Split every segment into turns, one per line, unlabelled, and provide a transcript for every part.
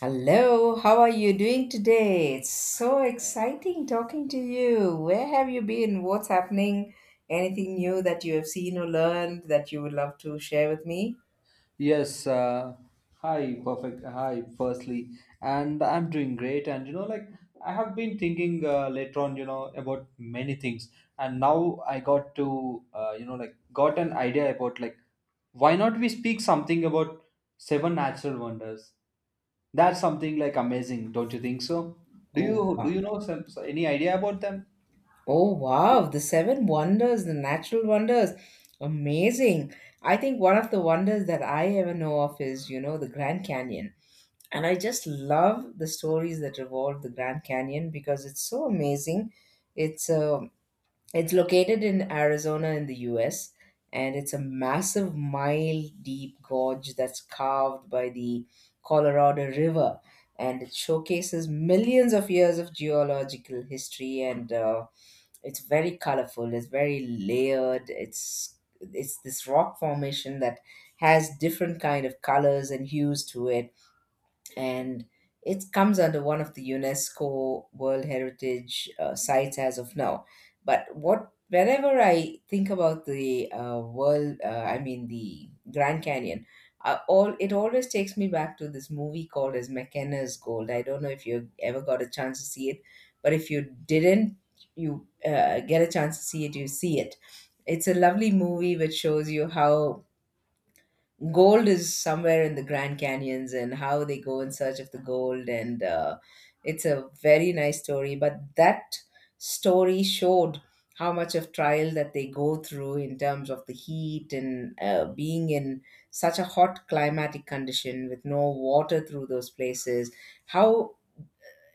Hello, how are you doing today? It's so exciting talking to you. Where have you been? What's happening? Anything new that you have seen or learned that you would love to share with me?
Yes, uh, Hi, perfect. Hi, firstly, and I'm doing great. And I have been thinking later on, about many things, and now I got to, got an idea about why not we speak something about seven natural wonders? That's something like amazing, don't you think so? Do
Oh,
you do
wow.
you know some, so, any idea about them?
Oh, wow. The seven wonders, the natural wonders. Amazing. I think one of the wonders that I ever know of is, the Grand Canyon. And I just love the stories that revolve the Grand Canyon because it's so amazing. It's a It's located in Arizona in the US, and it's a massive mile deep gorge that's carved by the Colorado River. And it showcases millions of years of geological history, and it's very colorful. It's very layered. It's this rock formation that has different kind of colors and hues to it, and it comes under one of the UNESCO World Heritage sites as of now. But what whenever I think about the world, I mean the Grand Canyon, all it always takes me back to this movie called as McKenna's Gold. I don't know if you ever got a chance to see it, but if you didn't, you get a chance to see it, you see it. It's a lovely movie which shows you how gold is somewhere in the Grand Canyons and how they go in search of the gold. And it's a very nice story. But that story showed how much of trial that they go through in terms of the heat and being in such a hot climatic condition with no water through those places. How,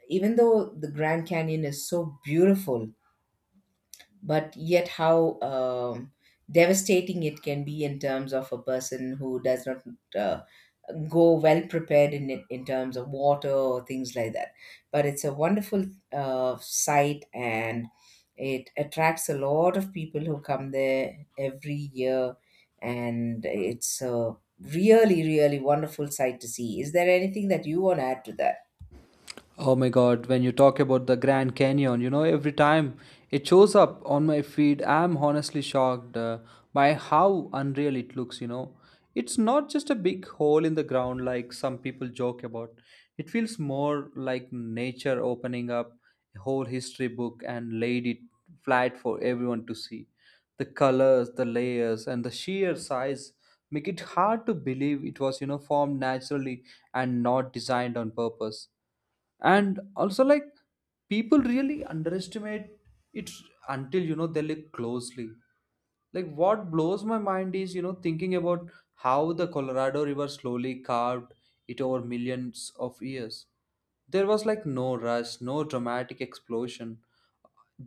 even though the Grand Canyon is so beautiful, but yet how devastating it can be in terms of a person who does not uh, go well prepared in it in terms of water or things like that, but it's a wonderful site, and it attracts a lot of people who come there every year, and it's a really really wonderful sight to see. Is there anything that you want to add to that?
Oh my God, when you talk about the Grand Canyon, you know, every time it shows up on my feed, I'm honestly shocked by how unreal it looks, you know. It's not just a big hole in the ground like some people joke about. It feels more like nature opening up a whole history book and laid it flat for everyone to see. The colors, the layers, and the sheer size make it hard to believe it was, you know, formed naturally and not designed on purpose, and also like people really underestimate it until, you know, they look closely. Like what blows my mind is, you know, thinking about how the Colorado River slowly carved it over millions of years. There was like no rush, no dramatic explosion,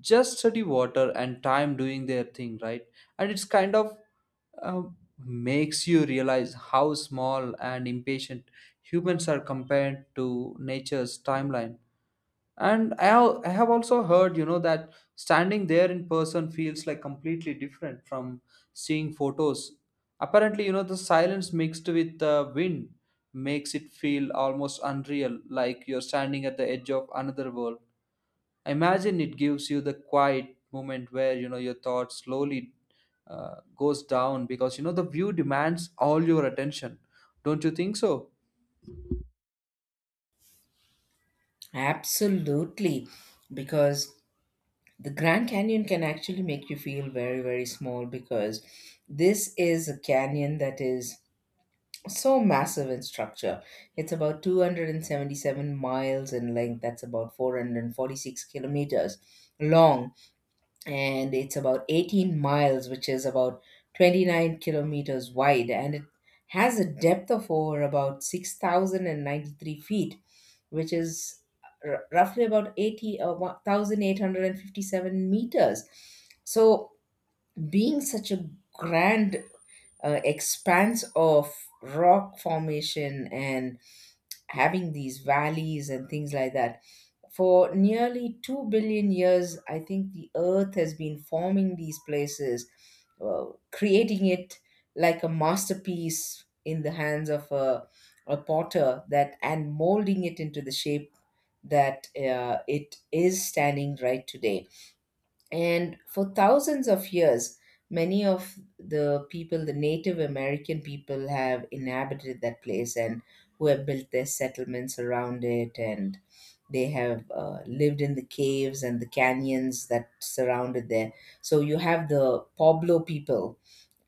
just steady water and time doing their thing, right? And it's kind of uh, makes you realize how small and impatient humans are compared to nature's timeline. And I have also heard, you know, that standing there in person feels like completely different from seeing photos. Apparently, you know, the silence mixed with the wind makes it feel almost unreal, like you're standing at the edge of another world. I imagine it gives you the quiet moment where, you know, your thoughts slowly goes down because, you know, the view demands all your attention. Don't you think so?
Absolutely. Because the Grand Canyon can actually make you feel very, very small, because this is a canyon that is so massive in structure. It's about 277 miles in length, that's about 446 kilometers long, and it's about 18 miles, which is about 29 kilometers wide, and it has a depth of over about 6,093 feet, which is roughly about 1,857 meters. So, being such a grand expanse of rock formation and having these valleys and things like that. For nearly 2 billion years, I think the earth has been forming these places, uh, creating it like a masterpiece in the hands of a potter that and molding it into the shape that it is standing right today, and for thousands of years, many of the people, the Native American people, have inhabited that place and who have built their settlements around it. And they have lived in the caves and the canyons that surrounded there. So you have the Pueblo people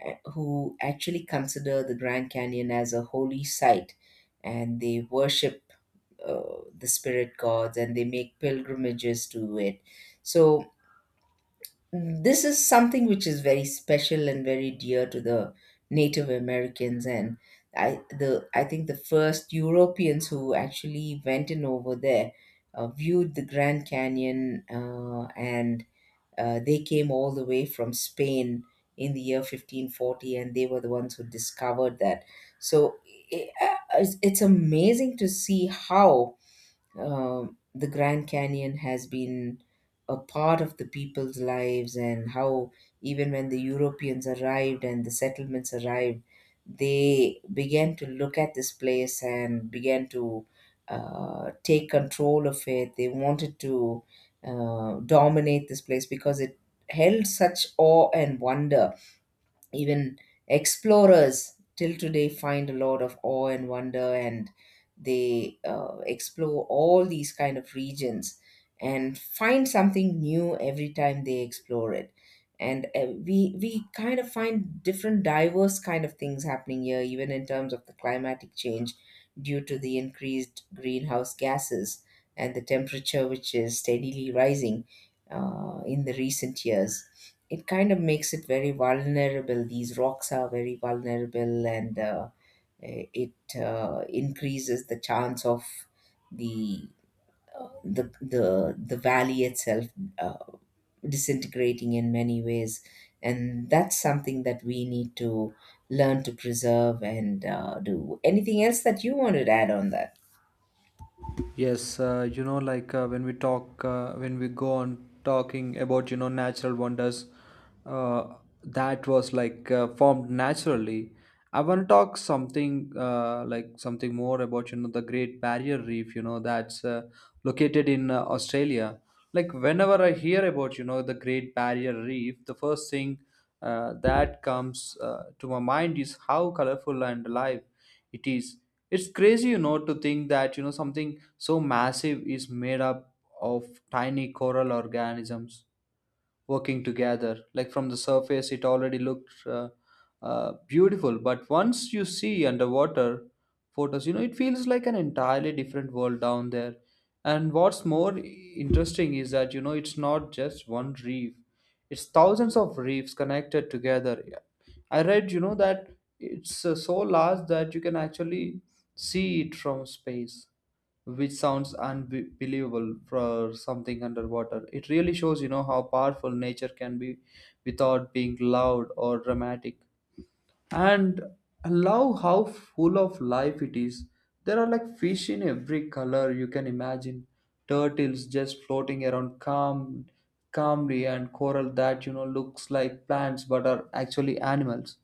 who actually consider the Grand Canyon as a holy site, and they worship uh, the spirit gods and they make pilgrimages to it. So this is something which is very special and very dear to the Native Americans, and I think the first Europeans who actually went in over there viewed the Grand Canyon and they came all the way from Spain in the year 1540, and they were the ones who discovered that. So i- uh, it's it's amazing to see how the Grand Canyon has been a part of the people's lives, and how even when the Europeans arrived and the settlements arrived, they began to look at this place and began to take control of it. They wanted to dominate this place because it held such awe and wonder. Even explorers till today find a lot of awe and wonder, and they explore all these kind of regions and find something new every time they explore it, and we kind of find different diverse kind of things happening here even in terms of the climatic change due to the increased greenhouse gases and the temperature which is steadily rising in the recent years. It kind of makes it very vulnerable. These rocks are very vulnerable, and it increases the chance of the the valley itself uh, disintegrating in many ways, and that's something that we need to learn to preserve and do. Anything else that you wanted to add on that?
Yes, you know, when we talk, when we go on talking about, you know, natural wonders, uh, that was like formed naturally. I want to talk something something more about, you know, the Great Barrier Reef, you know, that's located in Australia. Like whenever I hear about, you know, the Great Barrier Reef, the first thing that comes to my mind is how colorful and alive it is. It's crazy, you know, to think that, you know, something so massive is made up of tiny coral organisms working together. Like from the surface, it already looked beautiful, but once you see underwater photos, you know, it feels like an entirely different world down there. And what's more interesting is that, you know, it's not just one reef, it's thousands of reefs connected together. I read, you know, that it's so large that you can actually see it from space, which sounds unbelievable for something underwater. It really shows, you know, how powerful nature can be without being loud or dramatic. And love how full of life it is. There are like fish in every color you can imagine, turtles just floating around calmly, and coral that, you know, looks like plants but are actually animals.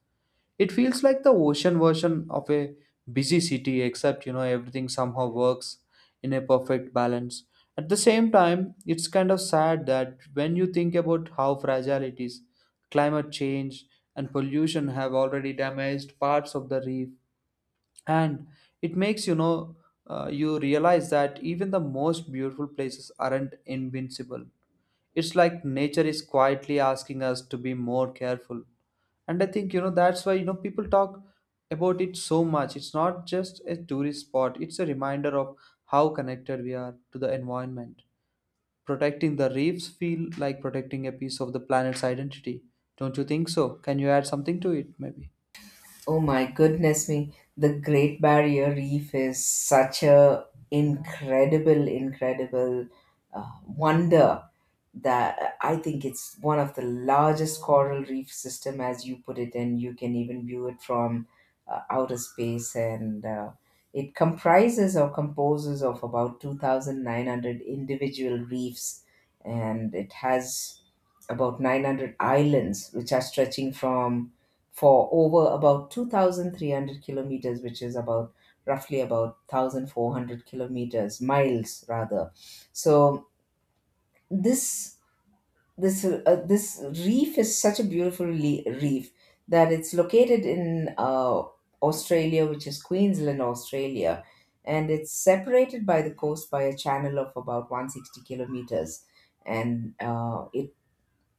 It feels like the ocean version of a busy city, except, you know, everything somehow works in a perfect balance. At the same time, it's kind of sad that when you think about how fragile it is, climate change and pollution have already damaged parts of the reef, and it makes, you know, you realize that even the most beautiful places aren't invincible. It's like nature is quietly asking us to be more careful. And I think, you know, that's why, you know, people talk about it so much. It's not just a tourist spot, it's a reminder of how connected we are to the environment. Protecting the reefs feel like protecting a piece of the planet's identity. Don't you think so? Can you add something to it, maybe?
Oh my goodness me. The Great Barrier Reef is such a incredible, incredible wonder that I think it's one of the largest coral reef system as you put it, and you can even view it from outer space. And it comprises or composes of about 2,900 individual reefs, and it has about 900 islands which are stretching from for over about 2300 kilometers, which is about roughly about 1400 kilometers, miles rather. So this this reef is such a beautiful reef that it's located in Australia, which is Queensland, Australia, and it's separated by the coast by a channel of about 160 kilometers, and it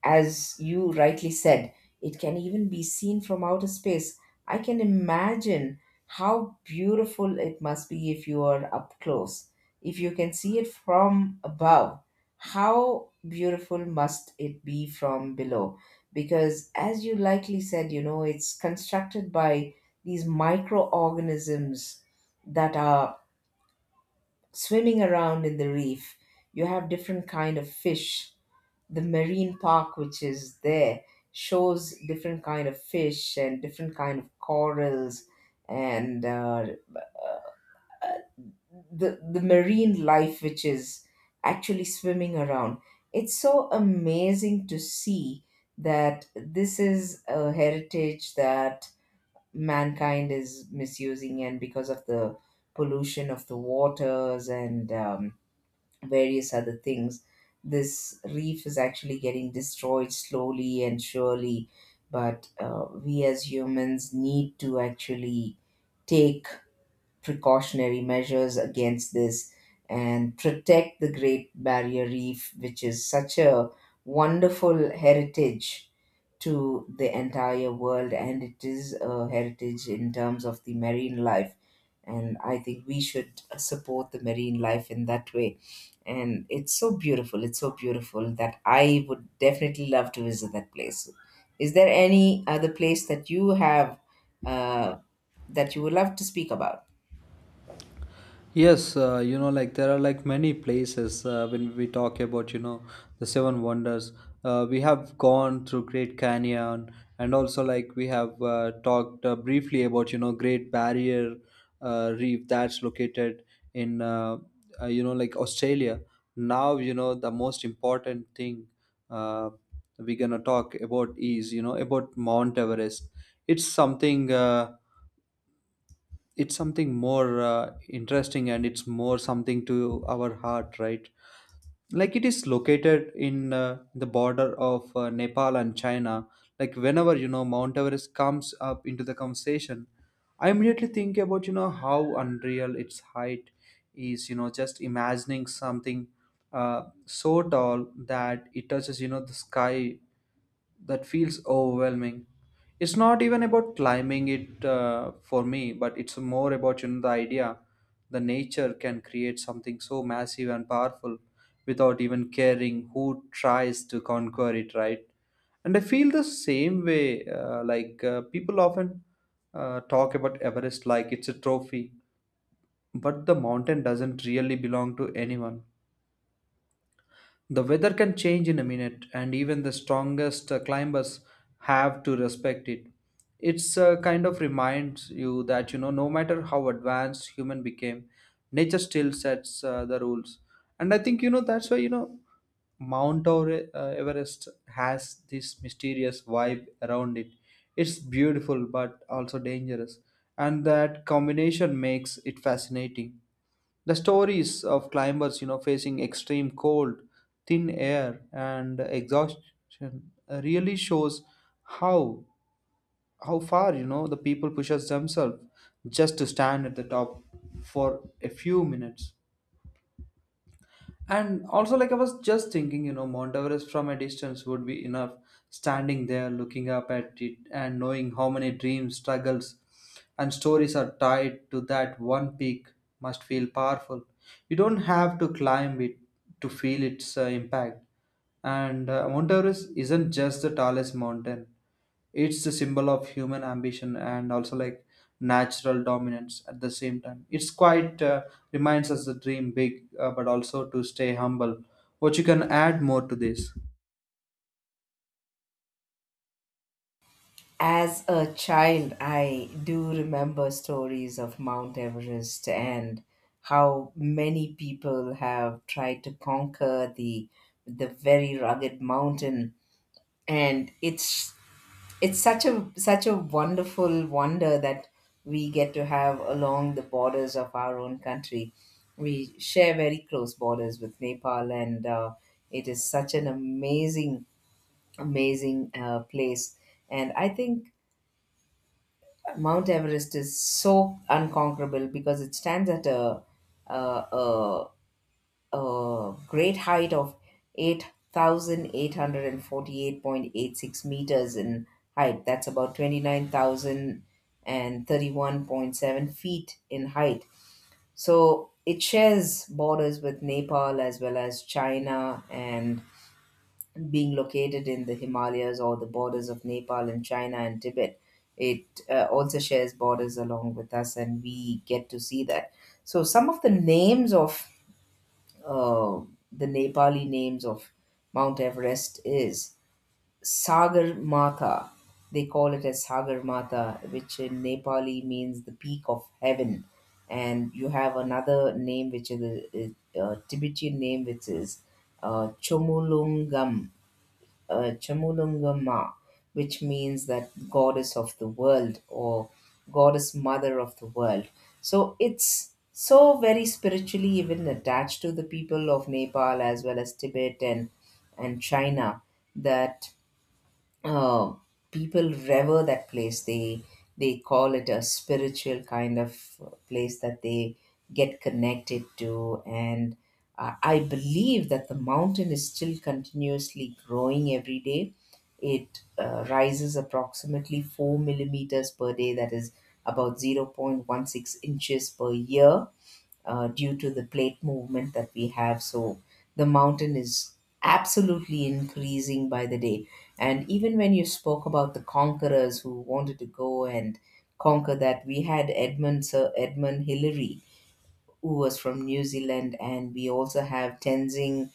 as you rightly said, it can even be seen from outer space. I can imagine how beautiful it must be if you are up close. If you can see it from above, how beautiful must it be from below? Because, as you likely said, it's constructed by these microorganisms that are swimming around in the reef. You have different kind of fish. The marine park which is there shows different kind of fish and different kind of corals, and the marine life which is actually swimming around. It's so amazing to see that this is a heritage that mankind is misusing and because of the pollution of the waters and various other things. This reef is actually getting destroyed slowly and surely, but we as humans need to actually take precautionary measures against this and protect the Great Barrier Reef, which is such a wonderful heritage to the entire world, and it is a heritage in terms of the marine life, and I think we should support the marine life in that way, and it's so beautiful, it's so beautiful, that I would definitely love to visit that place. Is there any other place uh, that you would love to speak about?
Yes, you know, there are like many places when we talk about, you know, the seven wonders. We have gone through Great Canyon, and also like we have talked briefly about, you know, Great Barrier Reef that's located in, you know, Australia. Now, you know, the most important thing uh, we're gonna talk about is, you know, about Mount Everest. It's something. It's something more interesting, and it's more something to our heart, right? Like it is located in the border of Nepal and China. Like whenever, you know, Mount Everest comes up into the conversation, I immediately think about, you know, how unreal its height is. You know, just imagining something so tall that it touches, you know, the sky, that feels overwhelming. It's not even about climbing it for me, but it's more about, you know, the idea the nature can create something so massive and powerful without even caring who tries to conquer it, right? And I feel the same way, people often talk about Everest like it's a trophy, but the mountain doesn't really belong to anyone. The weather can change in a minute, and even the strongest climbers have to respect it. It's kind of reminds you that, you know, no matter how advanced human became, nature still sets the rules. And I think, you know, that's why, you know, Mount Everest has this mysterious vibe around it. It's beautiful but also dangerous, and that combination makes it fascinating. The stories of climbers, you know, facing extreme cold, thin air, and exhaustion really shows how how far, you know, the people pushes themselves just to stand at the top for a few minutes. And also, like I was just thinking, you know, Mount Everest from a distance would be enough. Standing there, looking up at it, and knowing how many dreams, struggles, and stories are tied to that one peak must feel powerful. You don't have to climb it to feel its impact. And Mount Everest isn't just the tallest mountain, it's the symbol of human ambition, and also like natural dominance at the same time. It's quite reminds us to dream big, but also to stay humble. What you can add more to this?
As a child, I do remember stories of Mount Everest and how many people have tried to conquer the very rugged mountain. And it's such a wonderful wonder that we get to have along the borders of our own country. We share very close borders with Nepal, and it is such an amazing, amazing place. And I think Mount Everest is so unconquerable because it stands at a, a, a great height of 8,848.86 meters in height. That's about 29,031.7 feet in height. So it shares borders with Nepal as well as China, and being located in the Himalayas or the borders of Nepal and China and Tibet, it also shares borders along with us, and we get to see that. So, some of uh, the Nepali names of Mount Everest is Sagar Matha. They call it as Sagar Matha, which in Nepali means the peak of heaven. And you have another name, which is a Tibetan name, which is Chomolungam Chamulunga Ma, which means that goddess of the world, or goddess mother of the world. So it's so very spiritually even attached to the people of Nepal as well as Tibet and China, that uh, people revere that place. They call it a spiritual kind of place that they get connected to, and I believe that the mountain is still continuously growing every day. It rises approximately 4 millimeters per day, that is about 0.16 inches per year due to the plate movement that we have. So the mountain is absolutely increasing by the day. And even when you spoke about the conquerors who wanted to go and conquer that, we had Edmund Sir Edmund Hillary, who was from New Zealand, and we also have Tenzing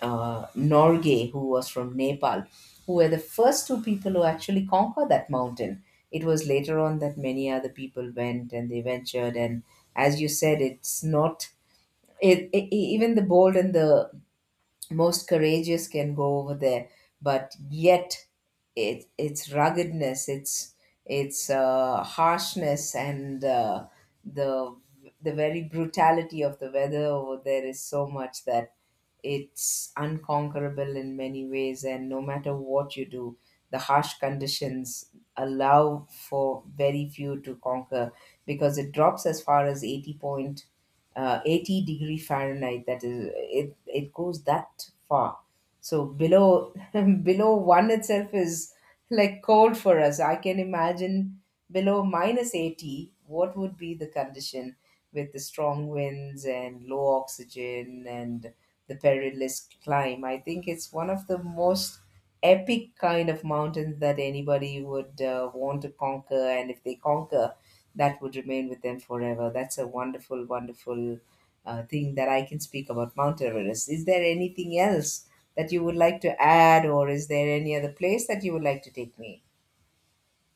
Norgay, who was from Nepal, who were the first two people who actually conquered that mountain. It was later on that many other people went and they ventured and as you said, it's not even the bold and the most courageous can go over there, but yet its ruggedness, its harshness, and the the very brutality of the weather over there is so much that it's unconquerable in many ways, and no matter what you do, the harsh conditions allow for very few to conquer because it drops as far as 80 point, 80-degree Fahrenheit. That is, it goes that far. So below below one itself is like cold for us. I can imagine below minus 80, what would be the condition with the strong winds and low oxygen and the perilous climb. I think it's one of the most epic kind of mountains that anybody would want to conquer, and if they conquer, that would remain with them forever. That's a wonderful, wonderful thing that I can speak about Mount Everest. Is there anything else that you would like to add, or is there any other place that you would like to take me?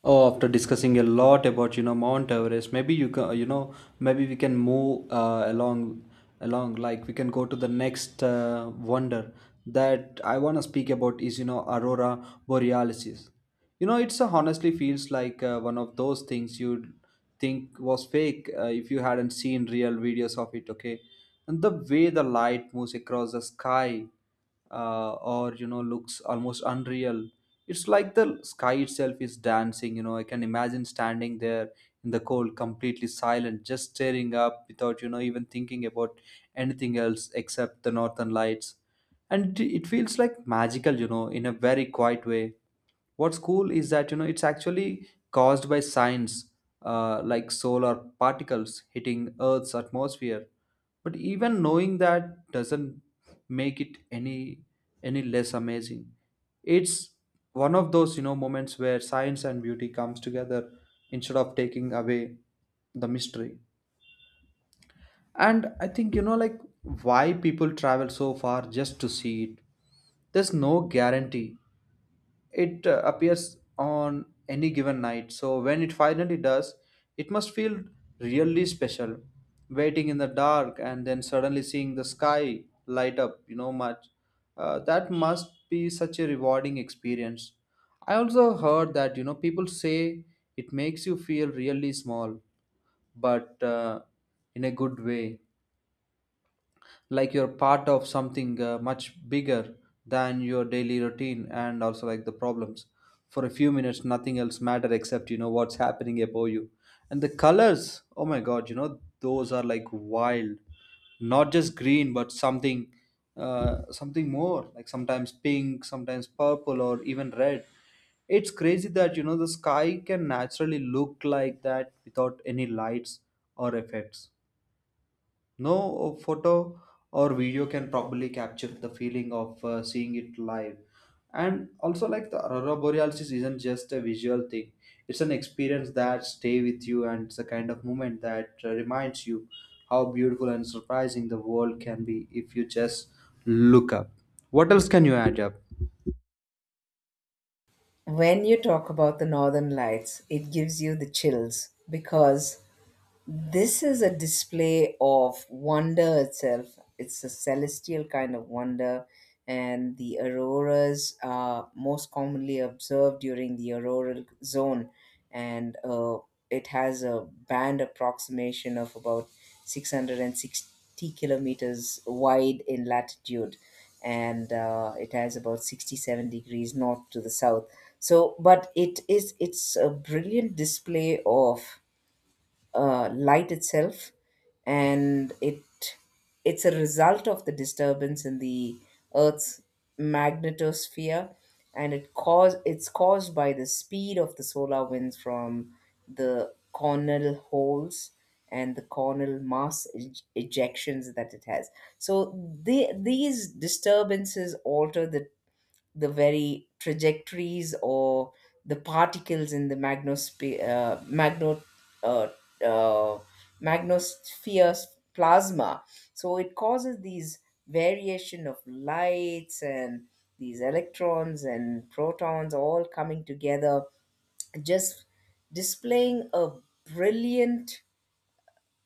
Oh, after discussing a lot about, you know, Mount Everest, maybe you can, you know, maybe we can move along, like we can go to the next wonder that I want to speak about is, you know, Aurora Borealis. You know, it's honestly feels like one of those things you'd think was fake if you hadn't seen real videos of it. Okay, and the way the light moves across the sky or, you know, looks almost unreal. It's like the sky itself is dancing. You know, I can imagine standing there in the cold, completely silent, just staring up without, you know, even thinking about anything else except the northern lights. And it feels like magical, you know, in a very quiet way. What's cool is that, you know, it's actually caused by science, solar particles hitting Earth's atmosphere, but even knowing that doesn't make it any less amazing. It's one of those, you know, moments where science and beauty comes together instead of taking away the mystery. And I think, you know, like why people travel so far just to see it. There's no guarantee it appears on any given night. So when it finally does, it must feel really special. Waiting in the dark and then suddenly seeing the sky light up, you know, much. That must be such a rewarding experience. I also heard that, you know, people say it makes you feel really small, but in a good way, like you're part of something much bigger than your daily routine, and also like the problems. For a few minutes, nothing else matter except, you know, what's happening above you. And the colors, oh my God, you know, those are like wild. Not just green, but something something more, like sometimes pink, sometimes purple, or even red. It's crazy that, you know, the sky can naturally look like that without any lights or effects. No photo or video can properly capture the feeling of seeing it live. And also, like the aurora borealis isn't just a visual thing; it's an experience that stay with you, and it's a kind of moment that reminds you how beautiful and surprising the world can be if you just look up. What else can you add up?
When you talk about the northern lights, it gives you the chills, because this is a display of wonder itself. It's a celestial kind of wonder, and the auroras are most commonly observed during the auroral zone, and it has a band approximation of about 660 kilometers wide in latitude, and it has about 67 degrees north to the south. So, but it's a brilliant display of light itself, and it's a result of the disturbance in the Earth's magnetosphere, and it's caused by the speed of the solar winds from the cornell holes and the cornell mass ejections that it has. So these disturbances alter the very trajectories or the particles in the uh, uh, magnosphere plasma. So it causes these variation of lights and these electrons and protons all coming together, just displaying a brilliant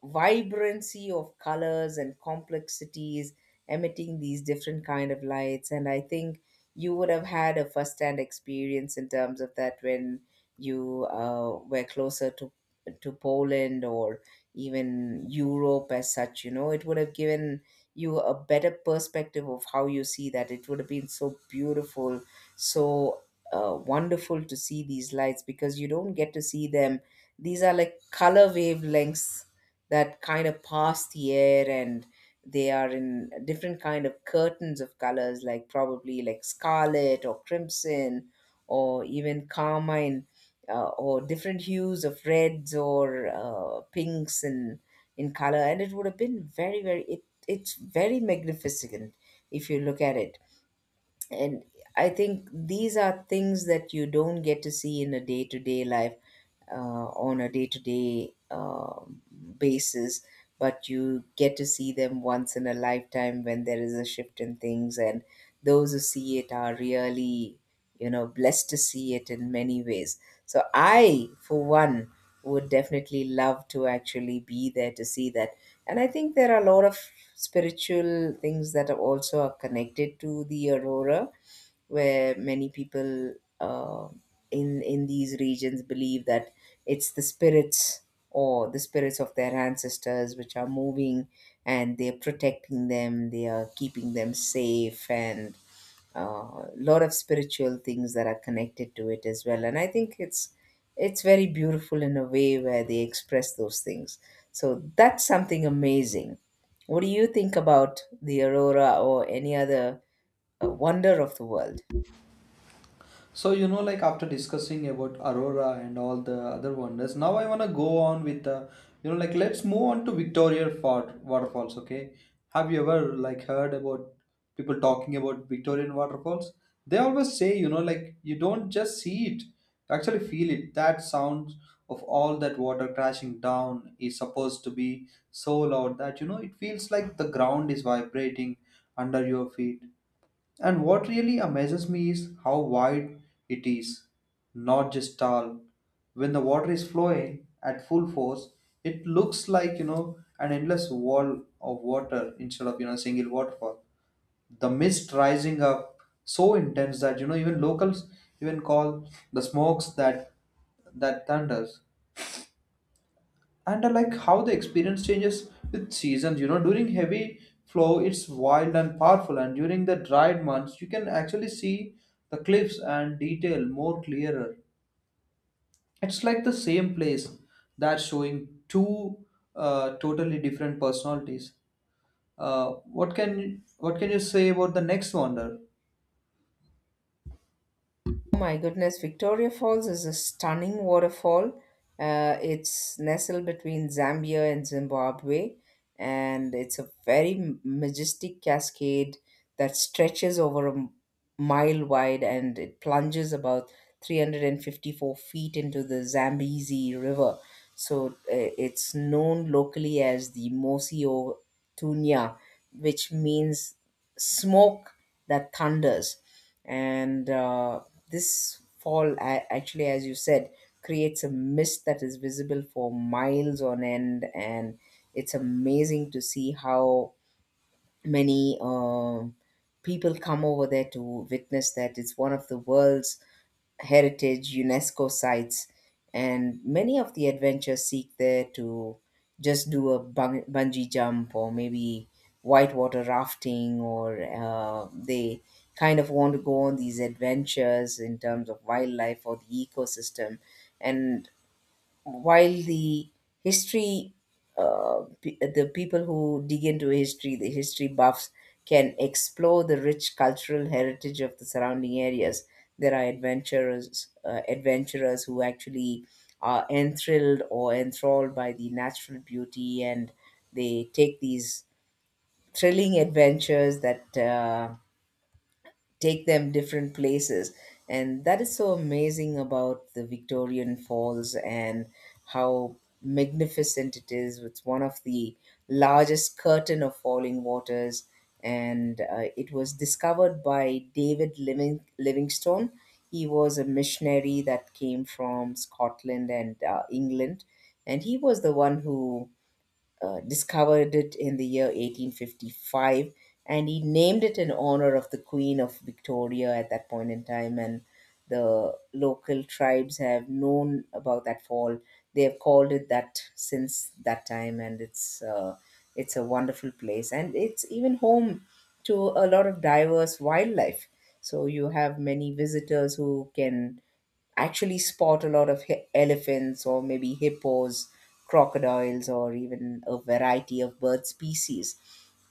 vibrancy of colors and complexities, emitting these different kind of lights. And I think you would have had a first hand experience in terms of that when you were closer to poland or even europe as such. You know, it would have given you a better perspective of how you see that. It would have been so beautiful, so wonderful to see these lights, because you don't get to see them. These are like color wavelengths that kind of pass the air, and they are in different kind of curtains of colors, like probably like scarlet or crimson or even carmine, or different hues of reds or pinks in color. And it would have been very very it's very magnificent if you look at it. And I think these are things that you don't get to see in a day to day life, uh, on a day to day basis, but you get to see them once in a lifetime when there is a shift in things. And those who see it are really, you know, blessed to see it in many ways. So I, for one, would definitely love to actually be there to see that. And I think there are a lot of spiritual things that are also are connected to the aurora, where many people, uh, in these regions, believe that it's the spirits or the spirits of their ancestors which are moving, and they're protecting them, they are keeping them safe, and lot of spiritual things that are connected to it as well. And I think it's very beautiful in a way where they express those things. So that's something amazing. What do you think about the aurora or any other wonder of the world?
So, you know, like after discussing about Aurora and all the other wonders, now I wanna go on with the, you know, like let's move on to Victoria Fort waterfalls. Okay, have you ever like heard about people talking about Victorian waterfalls? They always say, you know, like you don't just see it, you actually feel it. That sound of all that water crashing down is supposed to be so loud that, you know, it feels like the ground is vibrating under your feet. And what really amazes me is how wide it is, not just tall. When the water is flowing at full force, it looks like, you know, an endless wall of water instead of, you know, a single waterfall. The mist rising up so intense that, you know, even locals even call the smokes that that thunders. And I like how the experience changes with seasons. You know, during heavy flow, it's wild and powerful, and during the dried months, you can actually see the cliffs and detail more clearer. It's like the same place that's showing two totally different personalities. Uh, what can you say about the next wonder?
Oh my goodness, Victoria Falls is a stunning waterfall. It's nestled between Zambia and Zimbabwe, and it's a very majestic cascade that stretches over a mile wide, and it plunges about 354 feet into the Zambezi River. So it's known locally as the Mosio Tunya, which means smoke that thunders. And this fall, actually, as you said, creates a mist that is visible for miles on end, and it's amazing to see how many people come over there to witness that. It's one of the world's heritage UNESCO sites, and many of the adventurers seek there to just do a bungee jump or maybe whitewater rafting, or they kind of want to go on these adventures in terms of wildlife or the ecosystem. And while the history, the people who dig into history, the history buffs, can explore the rich cultural heritage of the surrounding areas. There are adventurers, adventurers who actually are enthralled or enthralled by the natural beauty, and they take these thrilling adventures that take them different places. And that is so amazing about the victorian falls and how magnificent it is. It's one of the largest curtain of falling waters, and it was discovered by david livingstone. He was a missionary that came from scotland and england, and he was the one who discovered it in the year 1855, and he named it in honor of the queen of victoria at that point in time. And the local tribes have known about that fall. They have called it that since that time, and it's a wonderful place, and it's even home to a lot of diverse wildlife. So you have many visitors who can actually spot a lot of elephants or maybe hippos, crocodiles, or even a variety of bird species.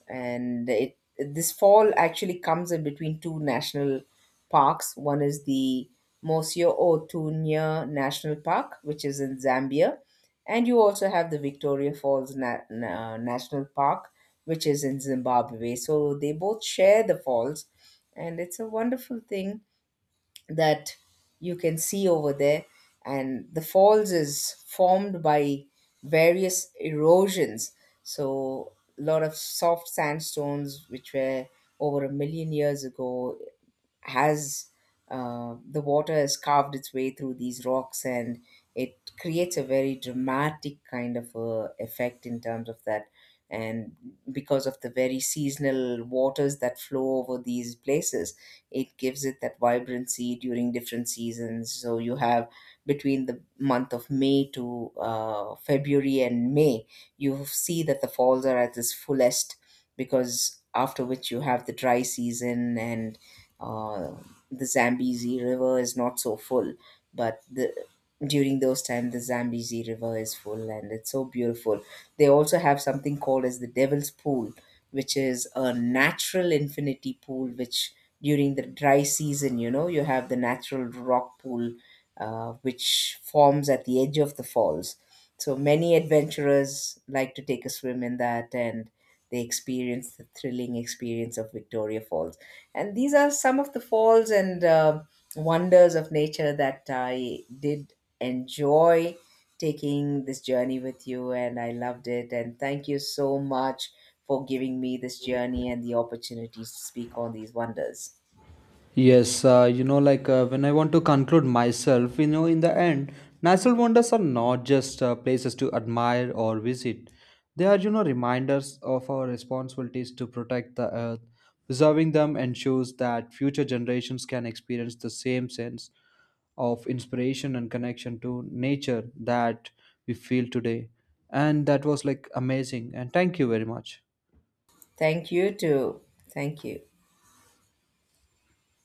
And it this fall actually comes in between two national parks. One is the Mosio Otunya National Park, which is in Zambia, and you also have the Victoria Falls National Park, which is in Zimbabwe. So they both share the falls, and it's a wonderful thing that you can see over there. And the falls is formed by various erosions. So a lot of soft sandstones which were over 1 million years ago has, the water has carved its way through these rocks, and it creates a very dramatic kind of a effect in terms of that. And because of the very seasonal waters that flow over these places, it gives it that vibrancy during different seasons. So you have between the month of may to february and may, you see that the falls are at its fullest, because after which you have the dry season, and uh, the Zambezi River is not so full, but the during those time the Zambezi River is full and it's so beautiful. They also have something called as the Devil's Pool, which is a natural infinity pool. Which during the dry season, you know, you have the natural rock pool, which forms at the edge of the falls. So many adventurers like to take a swim in that, and they experience the thrilling experience of Victoria Falls. And these are some of the falls and wonders of nature that I did enjoy taking this journey with you, and I loved it. And thank you so much for giving me this journey and the opportunity to speak on these wonders.
Yes, you know, when I want to conclude myself, you know, in the end, natural wonders are not just places to admire or visit. They are, you know, reminders of our responsibilities to protect the earth. Preserving them ensures that future generations can experience the same sense of inspiration and connection to nature that we feel today. And that was like amazing. And thank you very much.
Thank you, too. Thank you.